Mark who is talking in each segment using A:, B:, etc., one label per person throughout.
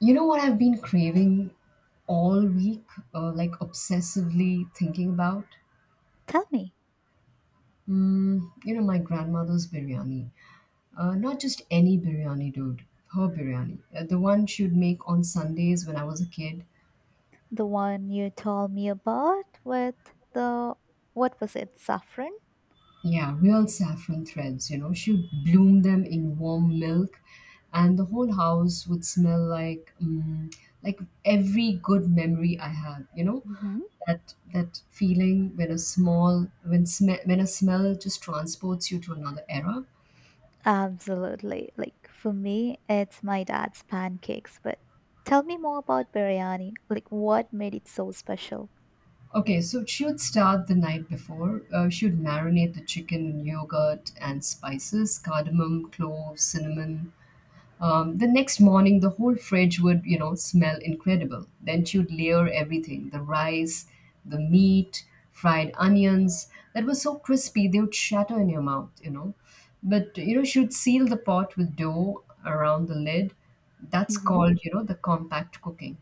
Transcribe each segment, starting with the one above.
A: You know what I've been craving all week, like obsessively thinking about?
B: Tell me,
A: My grandmother's biryani. Not just any biryani, dude. Her biryani. The one she'd make on Sundays when I was a kid.
B: the one you told me about with the what was it, saffron?
A: Yeah, real saffron threads. She would bloom them in warm milk, and the whole house would smell like, like every good memory I had, you know?
B: Hmm.
A: That feeling when a small when sm- when a smell just transports you to another era.
B: Absolutely. Like for me, it's my dad's pancakes. But tell me more about biryani. Like what made it so special?
A: Okay, so should start the night before. Should marinate the chicken in yogurt and spices, cardamom, cloves, cinnamon. The next morning, the whole fridge would smell incredible. Then she would layer everything, the rice, the meat, fried onions that was so crispy they would shatter in your mouth. But, she would seal the pot with dough around the lid. That's
B: Hmm.
A: called the compact cooking.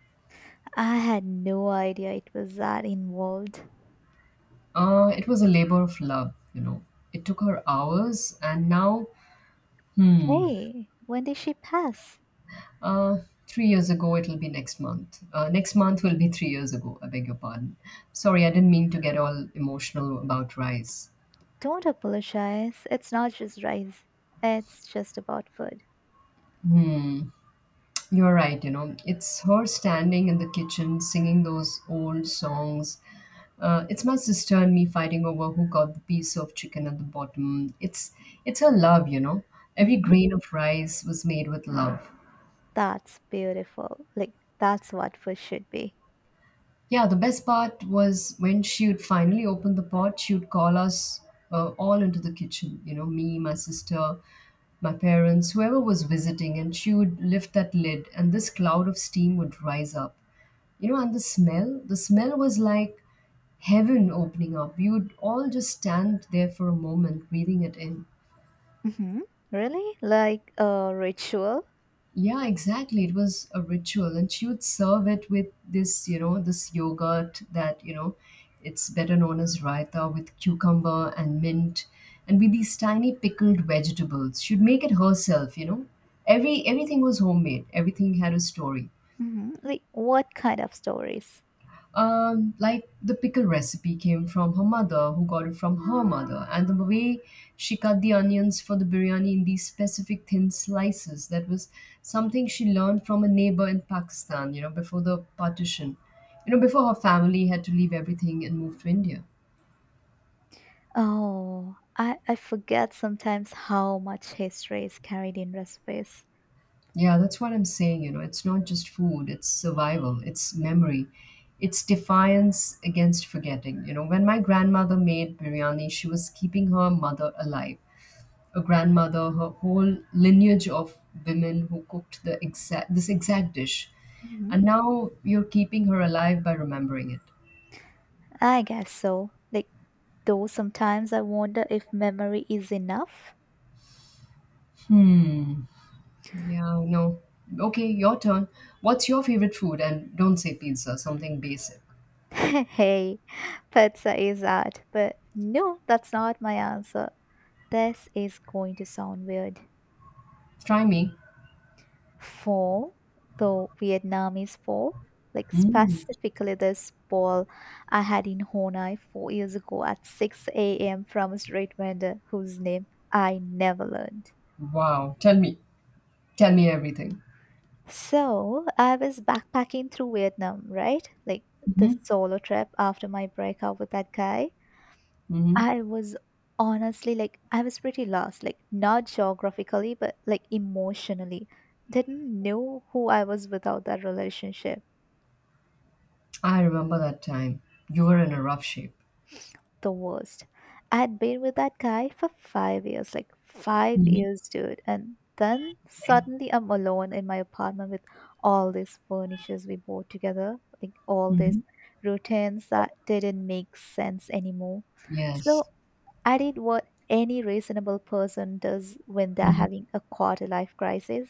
B: I had no idea it was that involved.
A: It was a labor of love. It took her hours, and now, hmm,
B: Hey, when did she pass?
A: Uh, 3 years ago, it'll be next month. Next month will be 3 years ago. I beg your pardon. Sorry, I didn't mean to get all emotional about rice.
B: Don't apologize. It's not just rice. It's just about food.
A: Hmm, you're right. It's her standing in the kitchen singing those old songs. It's my sister and me fighting over who got the piece of chicken at the bottom. It's her love. Every
B: Hmm.
A: grain of rice was made with love.
B: That's beautiful. Like that's what food should be.
A: Yeah, the best part was when she would finally open the pot, she would call us all into the kitchen, me, my sister, my parents, whoever was visiting, and she would lift that lid, and this cloud of steam would rise up. And the smell was like heaven opening up. We would all just stand there for a moment, breathing it in.
B: Hmm. Really? Like a ritual?
A: Yeah, exactly. It was a ritual, and she would serve it with this yogurt that it's better known as raita with cucumber and mint, and with these tiny pickled vegetables. She'd make it herself. Everything was homemade. Everything had a story.
B: Hmm. Like what kind of stories?
A: Like the pickle recipe came from her mother, who got it from her mother, and the way she cut the onions for the biryani in these specific thin slices, that was something she learned from a neighbor in Pakistan, before the partition, before her family had to leave everything and move to India.
B: Oh, I forget sometimes how much history is carried in recipes.
A: Yeah, that's what I'm saying, it's not just food, it's survival, it's memory, it's defiance against forgetting. When my grandmother made biryani, she was keeping her mother alive, a grandmother, her whole lineage of women who cooked the exact this exact dish.
B: Hmm.
A: And now you're keeping her alive by remembering it.
B: I guess so. Like, though sometimes I wonder if memory is enough.
A: Hmm. Yeah, no. Okay, your turn. What's your favorite food? And don't say pizza, something basic.
B: Hey, pizza is art, but no, that's not my answer. This is going to sound weird.
A: Try me.
B: Pho, though Vietnamese pho, like
A: Mm.
B: specifically this bowl I had in Honai 4 years ago at 6 a.m. from a street vendor whose name I never learned.
A: Wow. Tell me. Tell me everything.
B: So I was backpacking through Vietnam, right? Like the
A: Hmm.
B: solo trip after my breakup with that guy.
A: Hmm.
B: I was honestly like, I was pretty lost, like not geographically, but like emotionally. Didn't know who I was without that relationship.
A: I remember that time. You were in a rough shape.
B: The worst. I had been with that guy for 5 years, like five
A: Hmm.
B: years, dude. And then
A: Right?
B: suddenly I'm alone in my apartment with all these furnitures we bought together, like all
A: Hmm.
B: these routines that didn't make sense anymore.
A: Yes.
B: So I did what any reasonable person does when they're
A: Hmm.
B: having a quarter life crisis.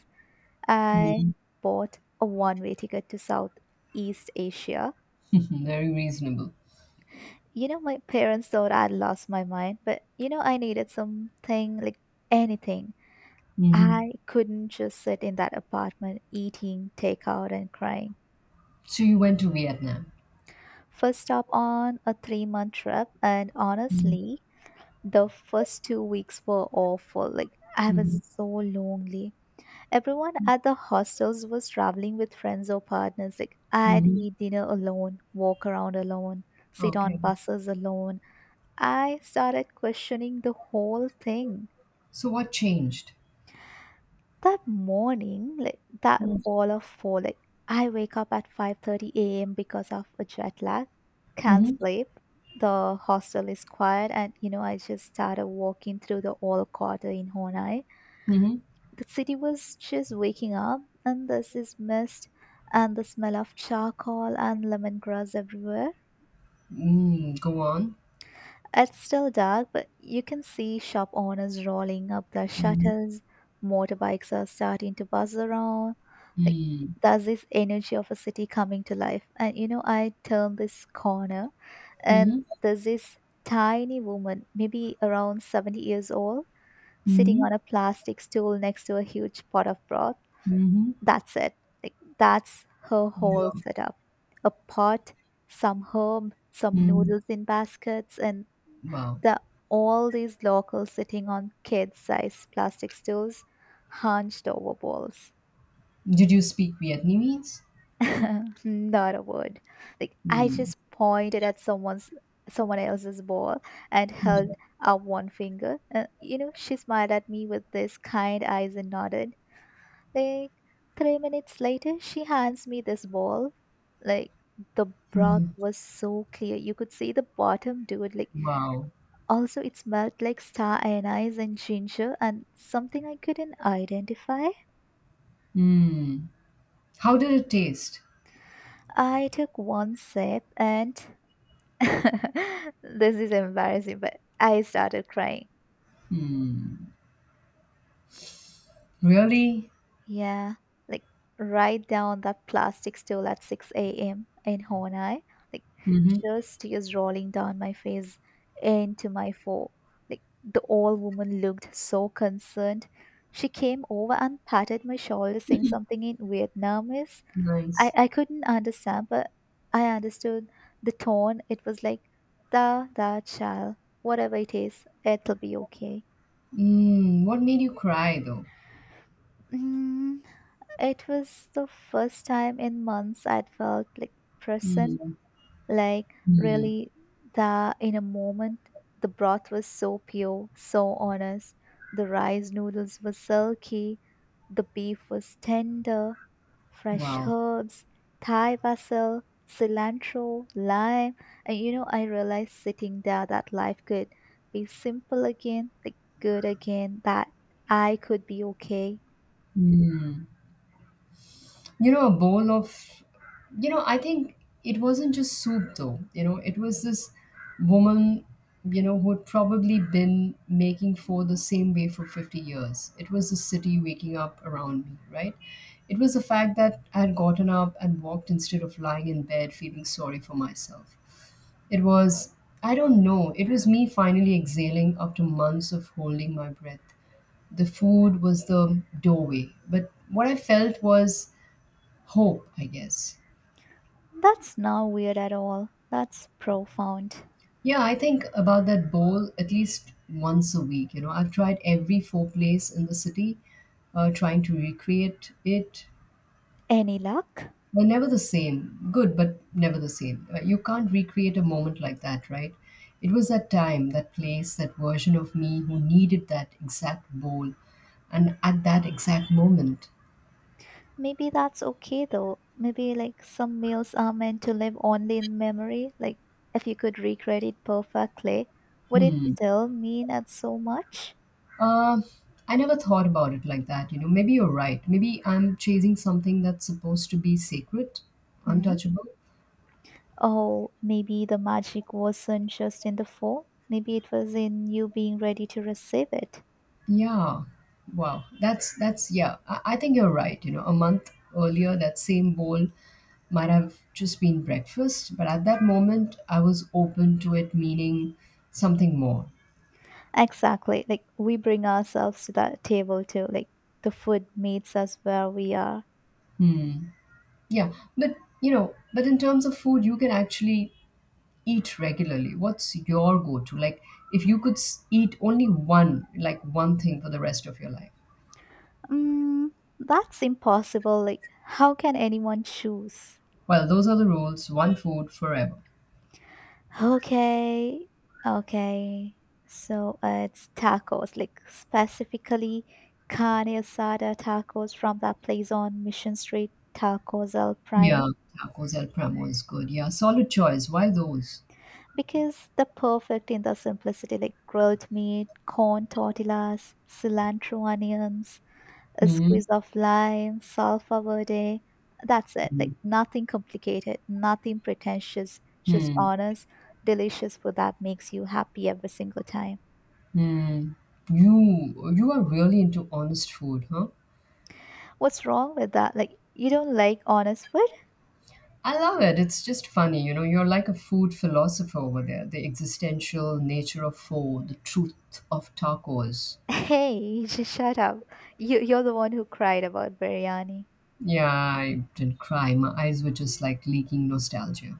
B: I
A: Hmm.
B: bought a one way ticket to Southeast Asia.
A: Very reasonable.
B: You know, my parents thought I'd lost my mind, but you know, I needed something like anything.
A: Mm-hmm.
B: I couldn't just sit in that apartment eating takeout and crying.
A: So you went to Vietnam.
B: First stop on a 3 month trip, and
A: Mm.
B: honestly, the first 2 weeks were awful. Like, I
A: Mhm.
B: was so lonely. Everyone at the hostels was traveling with friends or partners. Like, I'd
A: Mhm.
B: eat dinner alone, walk around alone, sit on
A: Okay.
B: buses alone. I started questioning the whole thing.
A: So what changed?
B: That morning, like that
A: Mm.
B: ball of four, like I wake up at 5:30 a.m. because of a jet lag, can't
A: Mhm.
B: sleep. The hostel is quiet, and you know I just started walking through the old quarter in Honai.
A: Mhm.
B: The city was just waking up, and there's this mist and the smell of charcoal and lemongrass everywhere.
A: Mm, go on.
B: It's still dark, but you can see shop owners rolling up their
A: Mhm.
B: shutters. Motorbikes are starting to buzz around. Like,
A: Mm.
B: there's this energy of a city coming to life. And you know, I turn this corner, and
A: Mhm.
B: there's this tiny woman, maybe around 70 years old, sitting
A: Mhm.
B: on a plastic stool next to a huge pot of broth.
A: Mhm.
B: That's it. Like that's her whole
A: Yeah.
B: setup. A pot, some herb, some
A: Mm.
B: noodles in baskets, and
A: Wow.
B: the all these locals sitting on kid-sized plastic stools, hunched over bowls.
A: Did you speak Vietnamese?
B: Not a word. Like I
A: Mm.
B: just pointed at someone else's ball and
A: Mm.
B: held up one finger. You know, she smiled at me with these kind eyes and nodded. Like 3 minutes later, she hands me this bowl. Like the broth
A: Mm.
B: was so clear. You could see the bottom, dude. Like
A: Wow.
B: also it smelled like star anise and ginger and something I couldn't identify.
A: Mm. How did it taste?
B: I took one sip and this is embarrassing, but I started crying.
A: Really?
B: Yeah, like write down that plastic stool at 6 a.m. in Honai. Like
A: Mm-hmm.
B: just tears rolling down my face into my foe. Like the old woman looked so concerned. She came over and patted my shoulder, saying something in Vietnamese. I,
A: Nice.
B: I couldn't understand, but I understood the tone. It was like, da, da, child, whatever it is, it'll be okay.
A: Mm. What made you cry though?
B: Mm, it was the first time in months I'd felt like present,
A: Mm.
B: like
A: Mm.
B: really that in a moment. The broth was so pure, so honest. The rice noodles were silky. The beef was tender, fresh
A: Wow.
B: herbs, Thai basil, cilantro, lime. And you know, I realized sitting there that life could be simple again, like good again, that I could be okay.
A: Mm. you know a bowl of you know I think it wasn't just soup though. It was this woman who'd probably been making pho the same way for 50 years. It was the city waking up around me, right? It was the fact that I had gotten up and walked instead of lying in bed feeling sorry for myself. It was, I don't know, it was me finally exhaling after months of holding my breath. The food was the doorway, but what I felt was hope, I guess.
B: That's not weird at all. That's profound.
A: Yeah, I think about that bowl at least once a week. I've tried every four place in the city, trying to recreate it.
B: Any luck?
A: They're never the same. Good, but never the same. You can't recreate a moment like that, right? It was that time, that place, that version of me who needed that exact bowl, and at that exact moment.
B: Maybe that's okay though. Maybe like some meals are meant to live only in memory. Like if you could recreate it perfectly, would it
A: Hmm.
B: still mean as so much?
A: Uh, I never thought about it like that. Maybe you're right. Maybe I'm chasing something that's supposed to be sacred,
B: Hmm.
A: untouchable.
B: Oh, maybe the magic wasn't just in the form. Maybe it was in you being ready to receive it.
A: Yeah. Wow. That's yeah. I think you're right. A month earlier, that same bowl might have just been breakfast, but at that moment, I was open to it meaning something more.
B: Exactly. Like we bring ourselves to that table too. Like the food meets us where we are.
A: Hmm. Yeah. But in terms of food, you can actually eat regularly, what's your go-to? Like, if you could eat only one, like one thing for the rest of your life.
B: Mm, that's impossible. Like, how can anyone choose?
A: Well, those are the rules. One food forever.
B: Okay, okay. So it's tacos, like specifically carne asada tacos from that place on Mission Street, Tacos El
A: Yeah,
B: Primo,
A: tacos El Pramo is good. Yeah, solid choice. Why those?
B: because they're perfect in their simplicity, like grilled meat, corn tortillas, cilantro onions, a
A: Hmm.
B: squeeze of lime, salsa verde. That's it. Like nothing complicated, nothing pretentious, just
A: Hmm.
B: honest, delicious food that makes you happy every single time.
A: Hmm. You are really into honest food, huh?
B: What's wrong with that? Like you don't like honest food?
A: I love it. It's just funny, you know. You're like a food philosopher over there. The existential nature of food, the truth of tacos.
B: Hey, just shut up. You're the one who cried about biryani.
A: Yeah, I did cry. My eyes were just like leaking nostalgia.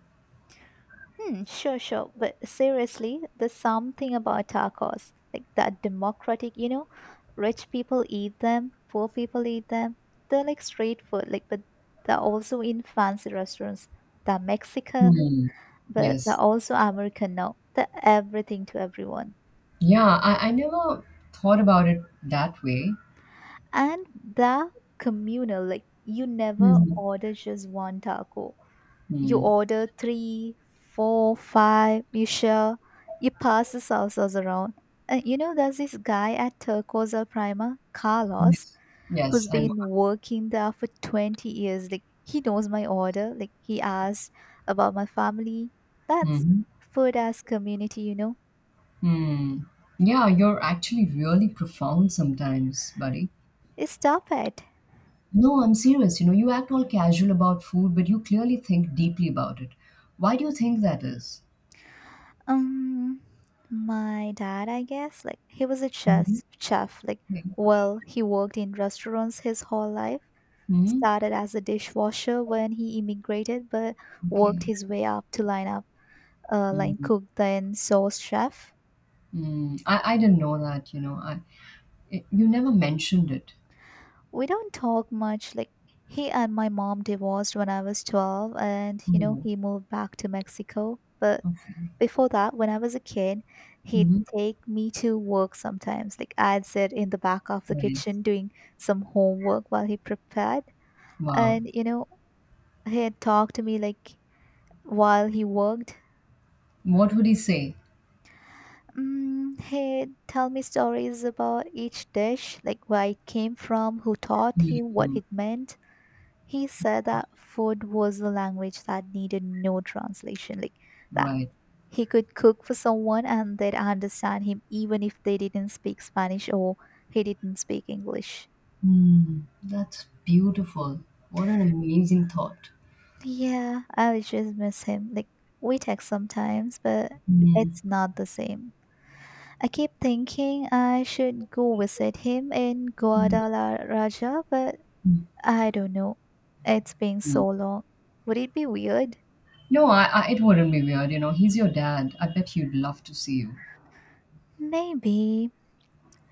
B: Hmm, sure, sure. But seriously, there's something about tacos. Like that democratic, you know, rich people eat them, poor people eat them. They're like street food, like but they're also in fancy restaurants. They're Mexican,
A: Hmm.
B: but they're
A: Yes.
B: also American now. They're everything to everyone.
A: Yeah, I never thought about it that way.
B: And they're communal, like you never
A: Mhm.
B: order just one taco. You
A: Hmm.
B: order three, four, five, you share, you pass the salsas around. And you know, there's this guy at Turcos El Prima, Carlos,
A: Yes. Yes,
B: who's
A: I know.
B: been working there for 20 years. Like, he knows my order. Like, he asked about my family. That's
A: Hmm.
B: food as community, you know.
A: Hmm. Yeah, you're actually really profound sometimes, buddy.
B: Stop it.
A: No, I'm serious. You act all casual about food, but you clearly think deeply about it. Why do you think that is?
B: Um, my dad, I guess, like, he was a
A: Mhm.
B: chef. Like,
A: Okay.
B: well, he worked in restaurants his whole life.
A: Hmm.
B: Started as a dishwasher when he immigrated, but
A: Okay.
B: worked his way up to line
A: Mm-hmm.
B: cook, then sous chef.
A: Mm. I didn't know that. You never mentioned it.
B: We don't talk much. Like he and my mom divorced when I was 12, and you know
A: Mm,
B: he moved back to Mexico. But
A: okay.
B: before that, when I was a kid, he'd
A: Mhm.
B: take me to work sometimes. Like I'd sit in the back of the
A: Nice.
B: kitchen doing some homework while he prepared,
A: Wow.
B: and you know he'd talk to me like while he worked.
A: What would he say?
B: Mm, he tell me stories about each dish, like where it came from, who taught him, what
A: Mhm.
B: it meant. He said
A: Yeah,
B: that food was a language that needed no translation, like that
A: right.
B: he could cook for someone and they'd understand him even if they didn't speak Spanish or he didn't speak English.
A: Mm, that's beautiful. What an amazing thought.
B: Yeah, I would just miss him. Like we text sometimes, but
A: Mm,
B: it's not the same. I keep thinking I should go visit him in
A: mm,
B: Guadalajara, but
A: mm,
B: I don't know. It's been
A: mm.
B: so long. Would it be weird?
A: No, it wouldn't be weird. He's your dad. I bet he'd love to see you.
B: Maybe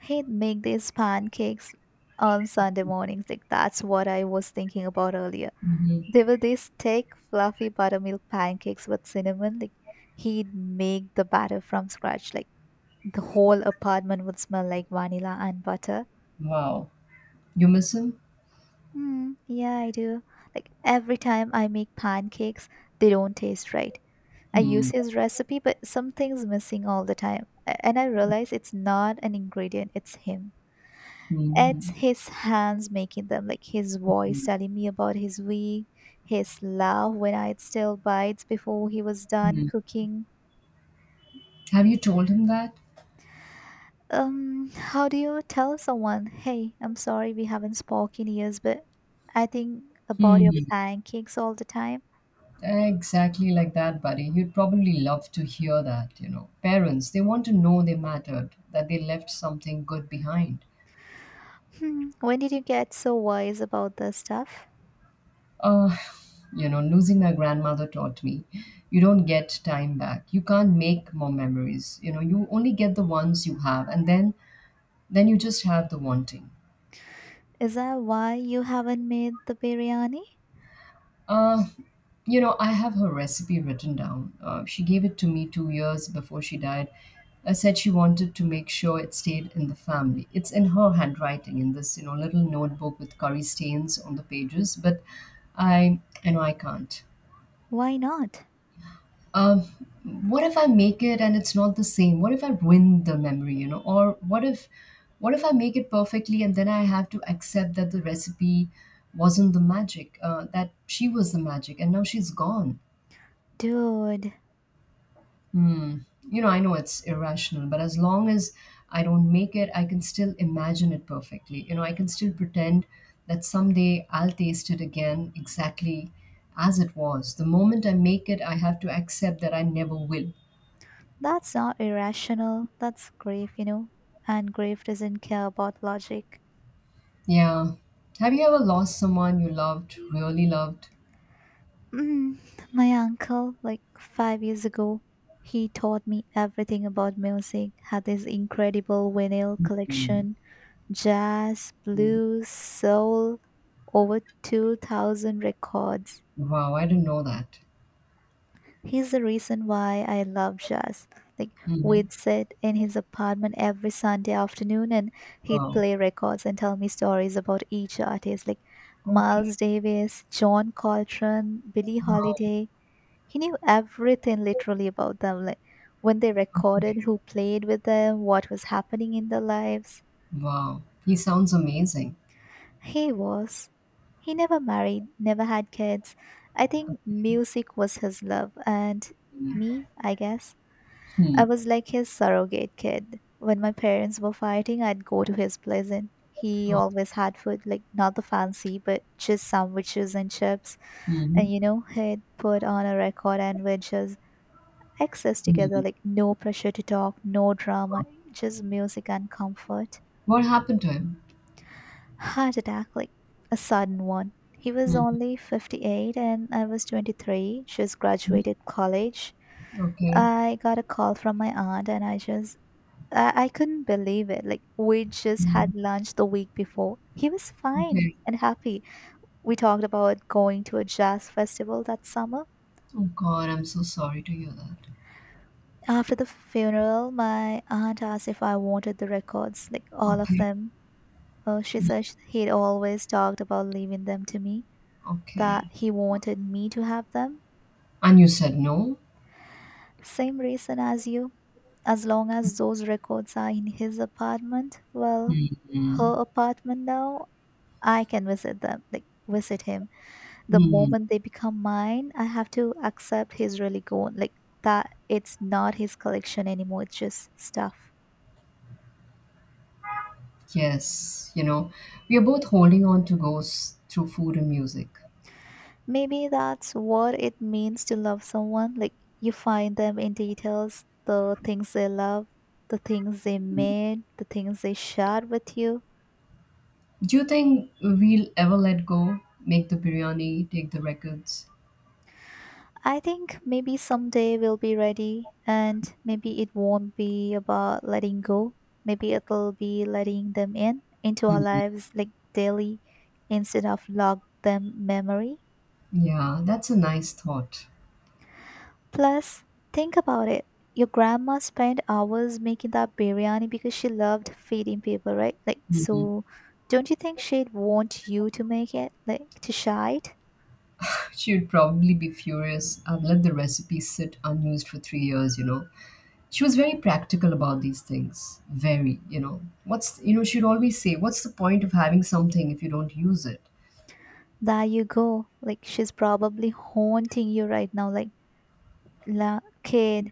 B: he'd make these pancakes on Sunday mornings. Like that's what I was thinking about earlier.
A: Mhm.
B: They were these thick, fluffy buttermilk pancakes with cinnamon. Like he'd make the batter from scratch. Like the whole apartment would smell like vanilla and butter.
A: Wow. You miss him?
B: Hmm. Yeah, I do. Like every time I make pancakes, they don't taste right. I use
A: Mm,
B: his recipe, but something's missing all the time. And I realize it's not an ingredient, it's him. It's
A: mm,
B: his hands making them, like his voice
A: mm,
B: telling me about his week, his laugh when I still bites before he was done
A: mm.
B: cooking.
A: Have you told him that?
B: How do you tell someone, hey, I'm sorry we haven't spoken years, but I think about your
A: Hmm.
B: pancakes all the time?
A: Exactly like that, buddy. You'd probably love to hear that. Parents, they want to know they mattered, that they left something good behind.
B: Hmm, when did you get so wise about this stuff?
A: Uh, Losing my grandmother taught me you don't get time back. You can't make more memories. You only get the ones you have, and then you just have the wanting.
B: Is that why you haven't made the biryani?
A: Uh, I have her recipe written down. She gave it to me 2 years before she died. I said she wanted to make sure it stayed in the family. It's in her handwriting in this little notebook with curry stains on the pages. But I know I can't.
B: Why not?
A: Um, what if I make it and it's not the same? What if I ruin the memory? Or what if I make it perfectly and then I have to accept that the recipe wasn't the magic, that she was the magic, and now she's gone.
B: Dude,
A: Hmm. I know it's irrational, but as long as I don't make it, I can still imagine it perfectly. I can still pretend that someday I'll taste it again exactly as it was. The moment I make it, I have to accept that I never will.
B: that's not irrational. That's grave, you know. And grave doesn't care about logic.
A: Yeah. Have you ever lost someone you loved, really loved?
B: Mm, my uncle, like 5 years ago, he taught me everything about music, had this incredible vinyl
A: Mm,
B: collection jazz,
A: mm.
B: blues, soul, over 2,000 records.
A: Wow, I didn't know that.
B: He's the reason why I love jazz. Like
A: Hmm.
B: we'd sit in his apartment every Sunday afternoon and he'd
A: Wow.
B: play records and tell me stories about each artist like
A: Okay.
B: Miles Davis, John Coltrane, Billie
A: Wow.
B: Holiday. He knew everything literally about them, like when they
A: Okay.
B: recorded, who played with them, what was happening in their lives.
A: Wow. He sounds amazing.
B: He was. He never married, never had kids. I think music was his love and me, I guess.
A: Hmm.
B: I was like his surrogate kid. When my parents were fighting, I'd go to his place and he
A: Oh.
B: always had food, like not the fancy, but just sandwiches and chips.
A: Mm-hmm.
B: And you know, he'd put on a record and we'd just access
A: Hmm.
B: together, like no pressure to talk, no drama, just music and comfort.
A: What happened to him?
B: Heart attack, like a sudden one. He was
A: Mhm.
B: only 58 and I was 23, just graduated college.
A: Okay.
B: I got a call from my aunt and I just I couldn't believe it. Like, we just
A: Mm.
B: had lunch the week before. He was fine
A: Okay.
B: and happy. We talked about going to a jazz festival that summer.
A: Oh God, I'm so sorry to hear that.
B: After the funeral, my aunt asked if I wanted the records, like all of
A: Okay.
B: them. She
A: Mm.
B: said he'd always talked about leaving them to me, that
A: Okay.
B: he wanted me to have them.
A: And you said no?
B: Same reason as you. As long as those records are in his apartment, well, her
A: Mm.
B: apartment now, I can visit them, like visit him. The
A: Mm.
B: moment they become mine, I have to accept he's really gone. Like that, it's not his collection anymore. It's just stuff.
A: Yes. We are both holding on to ghosts through food and music.
B: Maybe that's what it means to love someone. Like you find them in details, the things they love, the things they made, the things they shared with you.
A: Do you think we'll ever let go? Make the biryani, take the records?
B: I think maybe someday we'll be ready, and maybe it won't be about letting go. Maybe it'll be letting them in into our
A: Mm.
B: lives like daily instead of log them memory.
A: Yeah, that's a nice thought.
B: Plus, think about it. Your grandma spent hours making that biryani because she loved feeding people, right? Like
A: Mhm.
B: so don't you think she'd want you to make it? Like to share it?
A: She would probably be furious. I've let the recipe sit unused for three years. She was very practical about these things, very you know what's you know She'd always say, what's the point of having something if you don't use it?
B: There you go. Like she's probably haunting you right now, like la kid.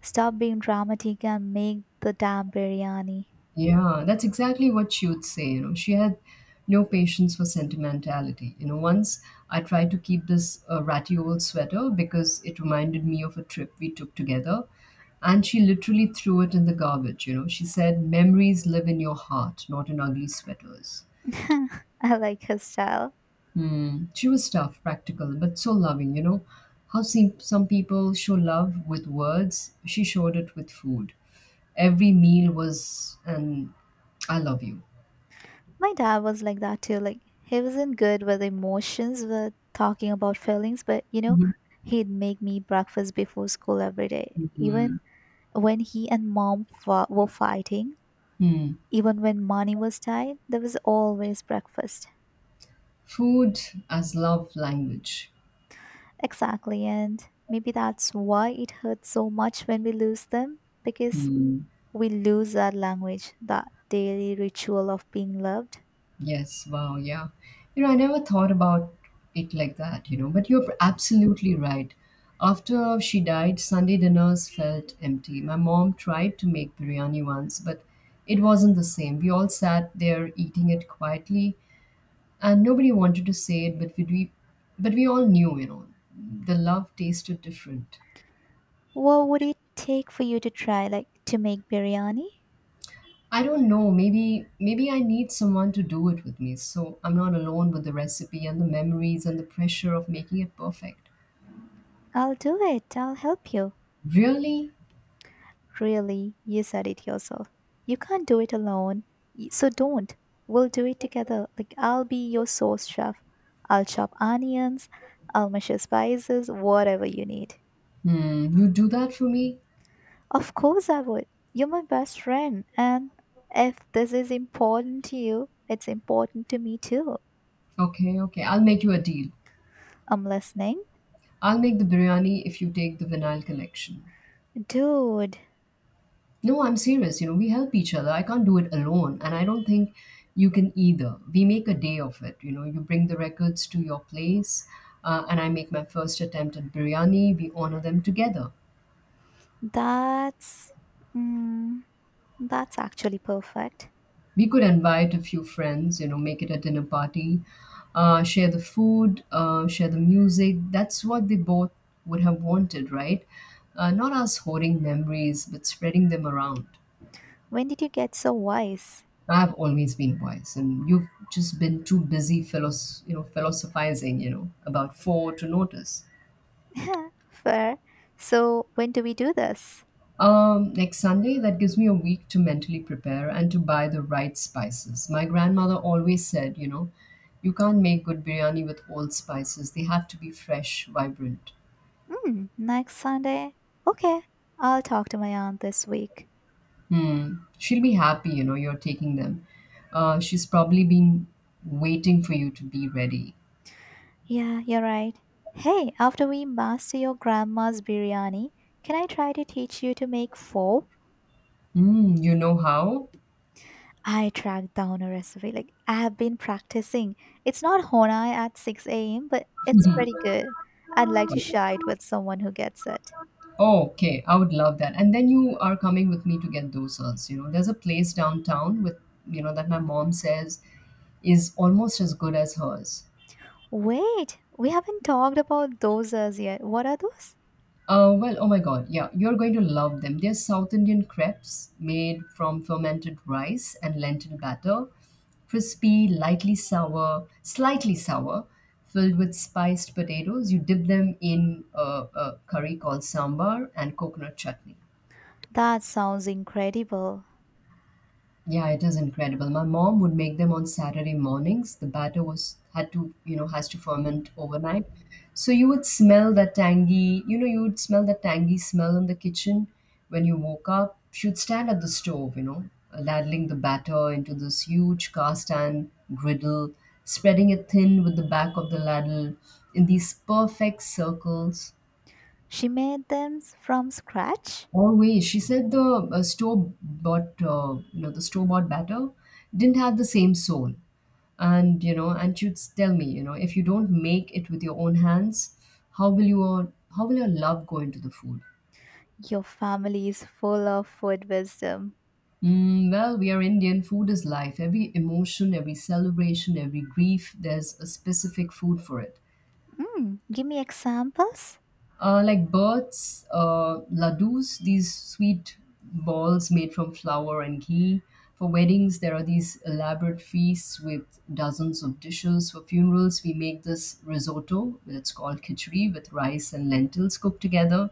B: Stop being dramatic and make the damn biryani.
A: Yeah, that's exactly what she would say. She had no patience for sentimentality. Once I tried to keep this ratty old sweater because it reminded me of a trip we took together, and she literally threw it in the garbage. She said memories live in your heart, not in ugly sweaters.
B: I like his style.
A: Hmm. She was tough, practical, but so loving. How seem some people show love with words, she showed it with food. Every meal was an I love you.
B: My dad was like that too. Like he wasn't good with emotions, with talking about feelings, but you know,
A: Mhm.
B: he'd make me breakfast before school every day.
A: Mhm.
B: Even when he and mom were fighting,
A: Hmm.
B: even when money was tight, there was always breakfast.
A: Food as love language.
B: Exactly, and maybe that's why it hurts so much when we lose them because
A: Hmm.
B: we lose that language, that daily ritual of being loved.
A: Yes, wow, yeah. I never thought about it like that, but you're absolutely right. After she died, Sunday dinners felt empty. My mom tried to make biryani once, but it wasn't the same. We all sat there eating it quietly, and nobody wanted to say it, but we all knew, the love tasted different.
B: What would it take for you to try, like to make biryani?
A: I don't know, maybe I need someone to do it with me, so I'm not alone with the recipe and the memories and the pressure of making it perfect.
B: I'll do it. I'll help you.
A: Really?
B: Really, you said it yourself. You can't do it alone. So don't. We'll do it together. Like, I'll be your sauce chef. I'll chop onions. I'll measure spices, whatever you need.
A: You do that for me?
B: Of course, I would. You're my best friend. And if this is important to you, it's important to me too.
A: Okay, okay. I'll make you a deal.
B: I'm listening.
A: I'll make the biryani if you take the vinyl collection.
B: Dude,
A: No, I'm serious. You know, we help each other. I can't do it alone, and I don't think you can either. We make a day of it. You know, you bring the records to your place, and I make my first attempt at biryani. We honor them together.
B: that's mm, that's actually perfect.
A: We could invite a few friends, you know, make it a dinner party, share the food, share the music. That's what they both would have wanted, right? Not us hoarding memories, but spreading them around.
B: When did you get so wise?
A: I've always been wise, and you've just been too busy, philosophizing, about four to notice.
B: Fair. So when do we do this?
A: Next Sunday, that gives me a week to mentally prepare and to buy the right spices. My grandmother always said, you know, you can't make good biryani with old spices. They have to be fresh, vibrant.
B: Hmm. Next Sunday. Okay, I'll talk to my aunt this week.
A: Hmm. She'll be happy, you know, you're taking them. She's probably been waiting for you to be ready.
B: Yeah, you're right. Hey, after we master your grandma's biryani, can I try to teach you to make pho?
A: Hmm. You know how?
B: I tracked down a recipe. Like I have been practicing. It's not Honai at 6 a.m., but it's pretty good. I'd like to share it with someone who gets it.
A: Oh, okay, I would love that. And then you are coming with me to get dosas. You know, there's a place downtown that my mom says is almost as good as hers.
B: Wait, we haven't talked about dosas yet. What are those?
A: Well, oh my God, yeah, you're going to love them. They're South Indian crepes made from fermented rice and lentil batter, crispy, lightly sour, slightly sour, filled with spiced potatoes. You dip them in a curry called sambar and coconut chutney.
B: That sounds incredible.
A: Yeah, it is incredible. My mom would make them on Saturday mornings. The batter was had to, you know, has to ferment overnight. So you would smell that you would smell that tangy smell in the kitchen when you woke up. She would stand at the stove, you know, ladling the batter into this huge cast iron griddle, spreading it thin with the back of the ladle in these perfect circles.
B: She made them from scratch?
A: Always, she said the store bought, you know, the store bought batter didn't have the same soul. And, you know, and she'd tell me, you know, if you don't make it with your own hands, how will your love go into the food?
B: Your family is full of food wisdom.
A: Mm, well, we are Indian. Food is life. Every emotion, every celebration, every grief, there's a specific food for it.
B: Mm, give me examples.
A: Like birds, ladoos, these sweet balls made from flour and ghee. For weddings, there are these elaborate feasts with dozens of dishes. For funerals, we make this risotto, it's called khichdi, with rice and lentils cooked together.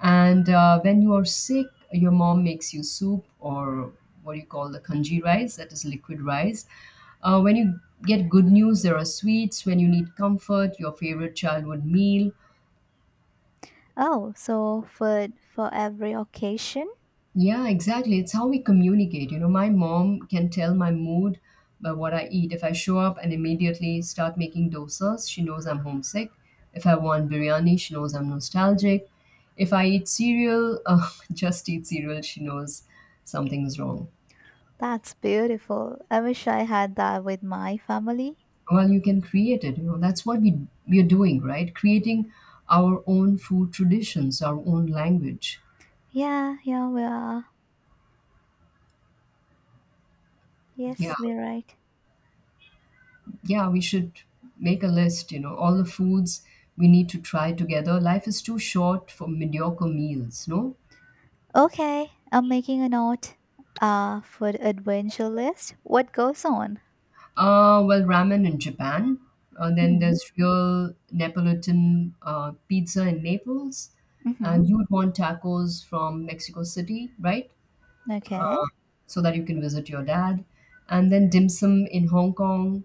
A: And when you are sick, your mom makes you soup or what do you call the kanji rice, that is liquid rice. When you get good news, there are sweets. When you need comfort, your favorite childhood meal.
B: Oh, so food for every occasion?
A: Yeah, exactly. It's how we communicate. You know, my mom can tell my mood by what I eat. If I show up and immediately start making dosas, she knows I'm homesick. If I want biryani, she knows I'm nostalgic. If I eat cereal, just eat cereal, she knows something's wrong.
B: That's beautiful. I wish I had that with my family.
A: Well, you can create it. You know, that's what we're doing, right? Creating our own food traditions, our own language.
B: Yeah, yeah, we are.
A: Yeah,
B: Yes, we're right.
A: yeah, we should make a list, you know, all the foods we need to try together. Life is too short for mediocre meals, no?
B: Okay, I'm making a note for the adventure list. What goes on?
A: Well, ramen in Japan. Then
B: Mm-hmm.
A: there's real Neapolitan pizza in Naples.
B: Mm-hmm.
A: And you would want tacos from Mexico City, right?
B: Okay.
A: So that you can visit your dad. And then dim sum in Hong Kong.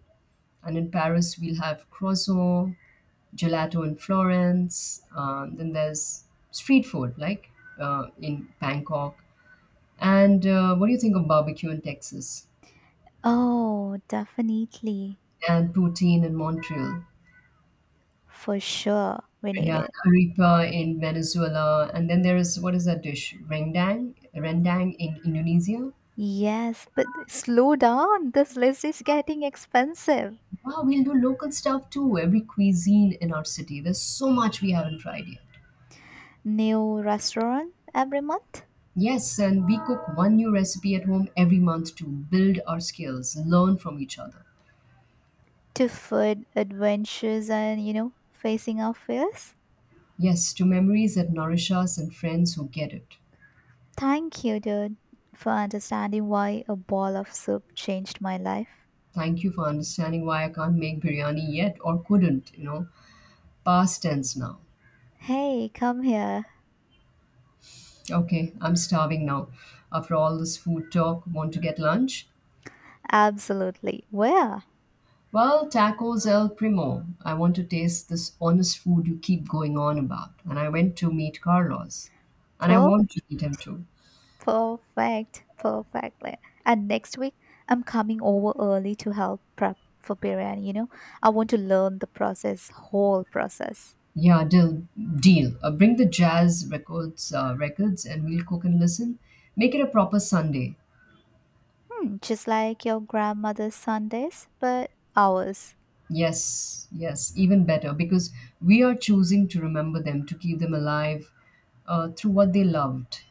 A: And in Paris, we'll have croissant gelato in Florence. Then there's street food, like in Bangkok. And what do you think of barbecue in Texas
B: Oh, definitely.
A: and poutine in Montreal?
B: For sure, we need
A: Yeah,
B: it.
A: arepa in Venezuela. And then there is, what is that dish? Rendang? Rendang in Indonesia.
B: Yes, but slow down. This list is getting expensive.
A: Wow, we'll do local stuff too. Every cuisine in our city. There's so much we haven't tried yet.
B: New restaurant every month
A: Yes, and we cook one new recipe at home every month to build our skills, learn from each other.
B: to food adventures and, you know, facing our fears.
A: Yes, to memories that nourish us and friends who get it.
B: Thank you, dude, for understanding why a ball of soup changed my life.
A: Thank you for understanding why I can't make biryani yet or couldn't, you know. Past tense now.
B: Hey, come here.
A: Okay, I'm starving now. After all this food talk, want to get lunch?
B: Absolutely. Where?
A: Well, tacos el primo. I want to taste this honest food you keep going on about. And I went to meet Carlos. And I
B: Per-
A: want to meet him too.
B: Perfect. Perfectly. And next week, I'm coming over early to help prep for biryani, you know? I want to learn the process, whole process.
A: Yeah, deal. Deal. Bring the records, and we'll cook and listen. Make it a proper Sunday.
B: Hmm, just like your grandmother's Sundays, but ours.
A: Yes, yes, even better because we are choosing to remember them, to keep them alive through what they loved.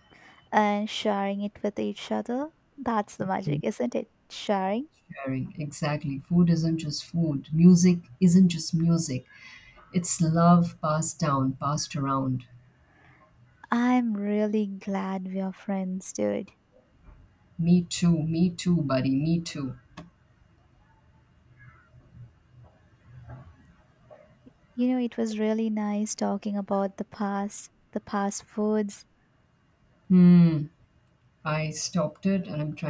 B: And sharing it with each other. That's the magic,
A: And
B: isn't it? Sharing,
A: sharing, exactly. Food isn't just food, music isn't just music. It's love passed down, passed around.
B: I'm really glad we are friends, dude.
A: Me too, buddy, me too.
B: You know, it was really nice talking about the past foods,
A: Hmm, I stopped it and I'm trying.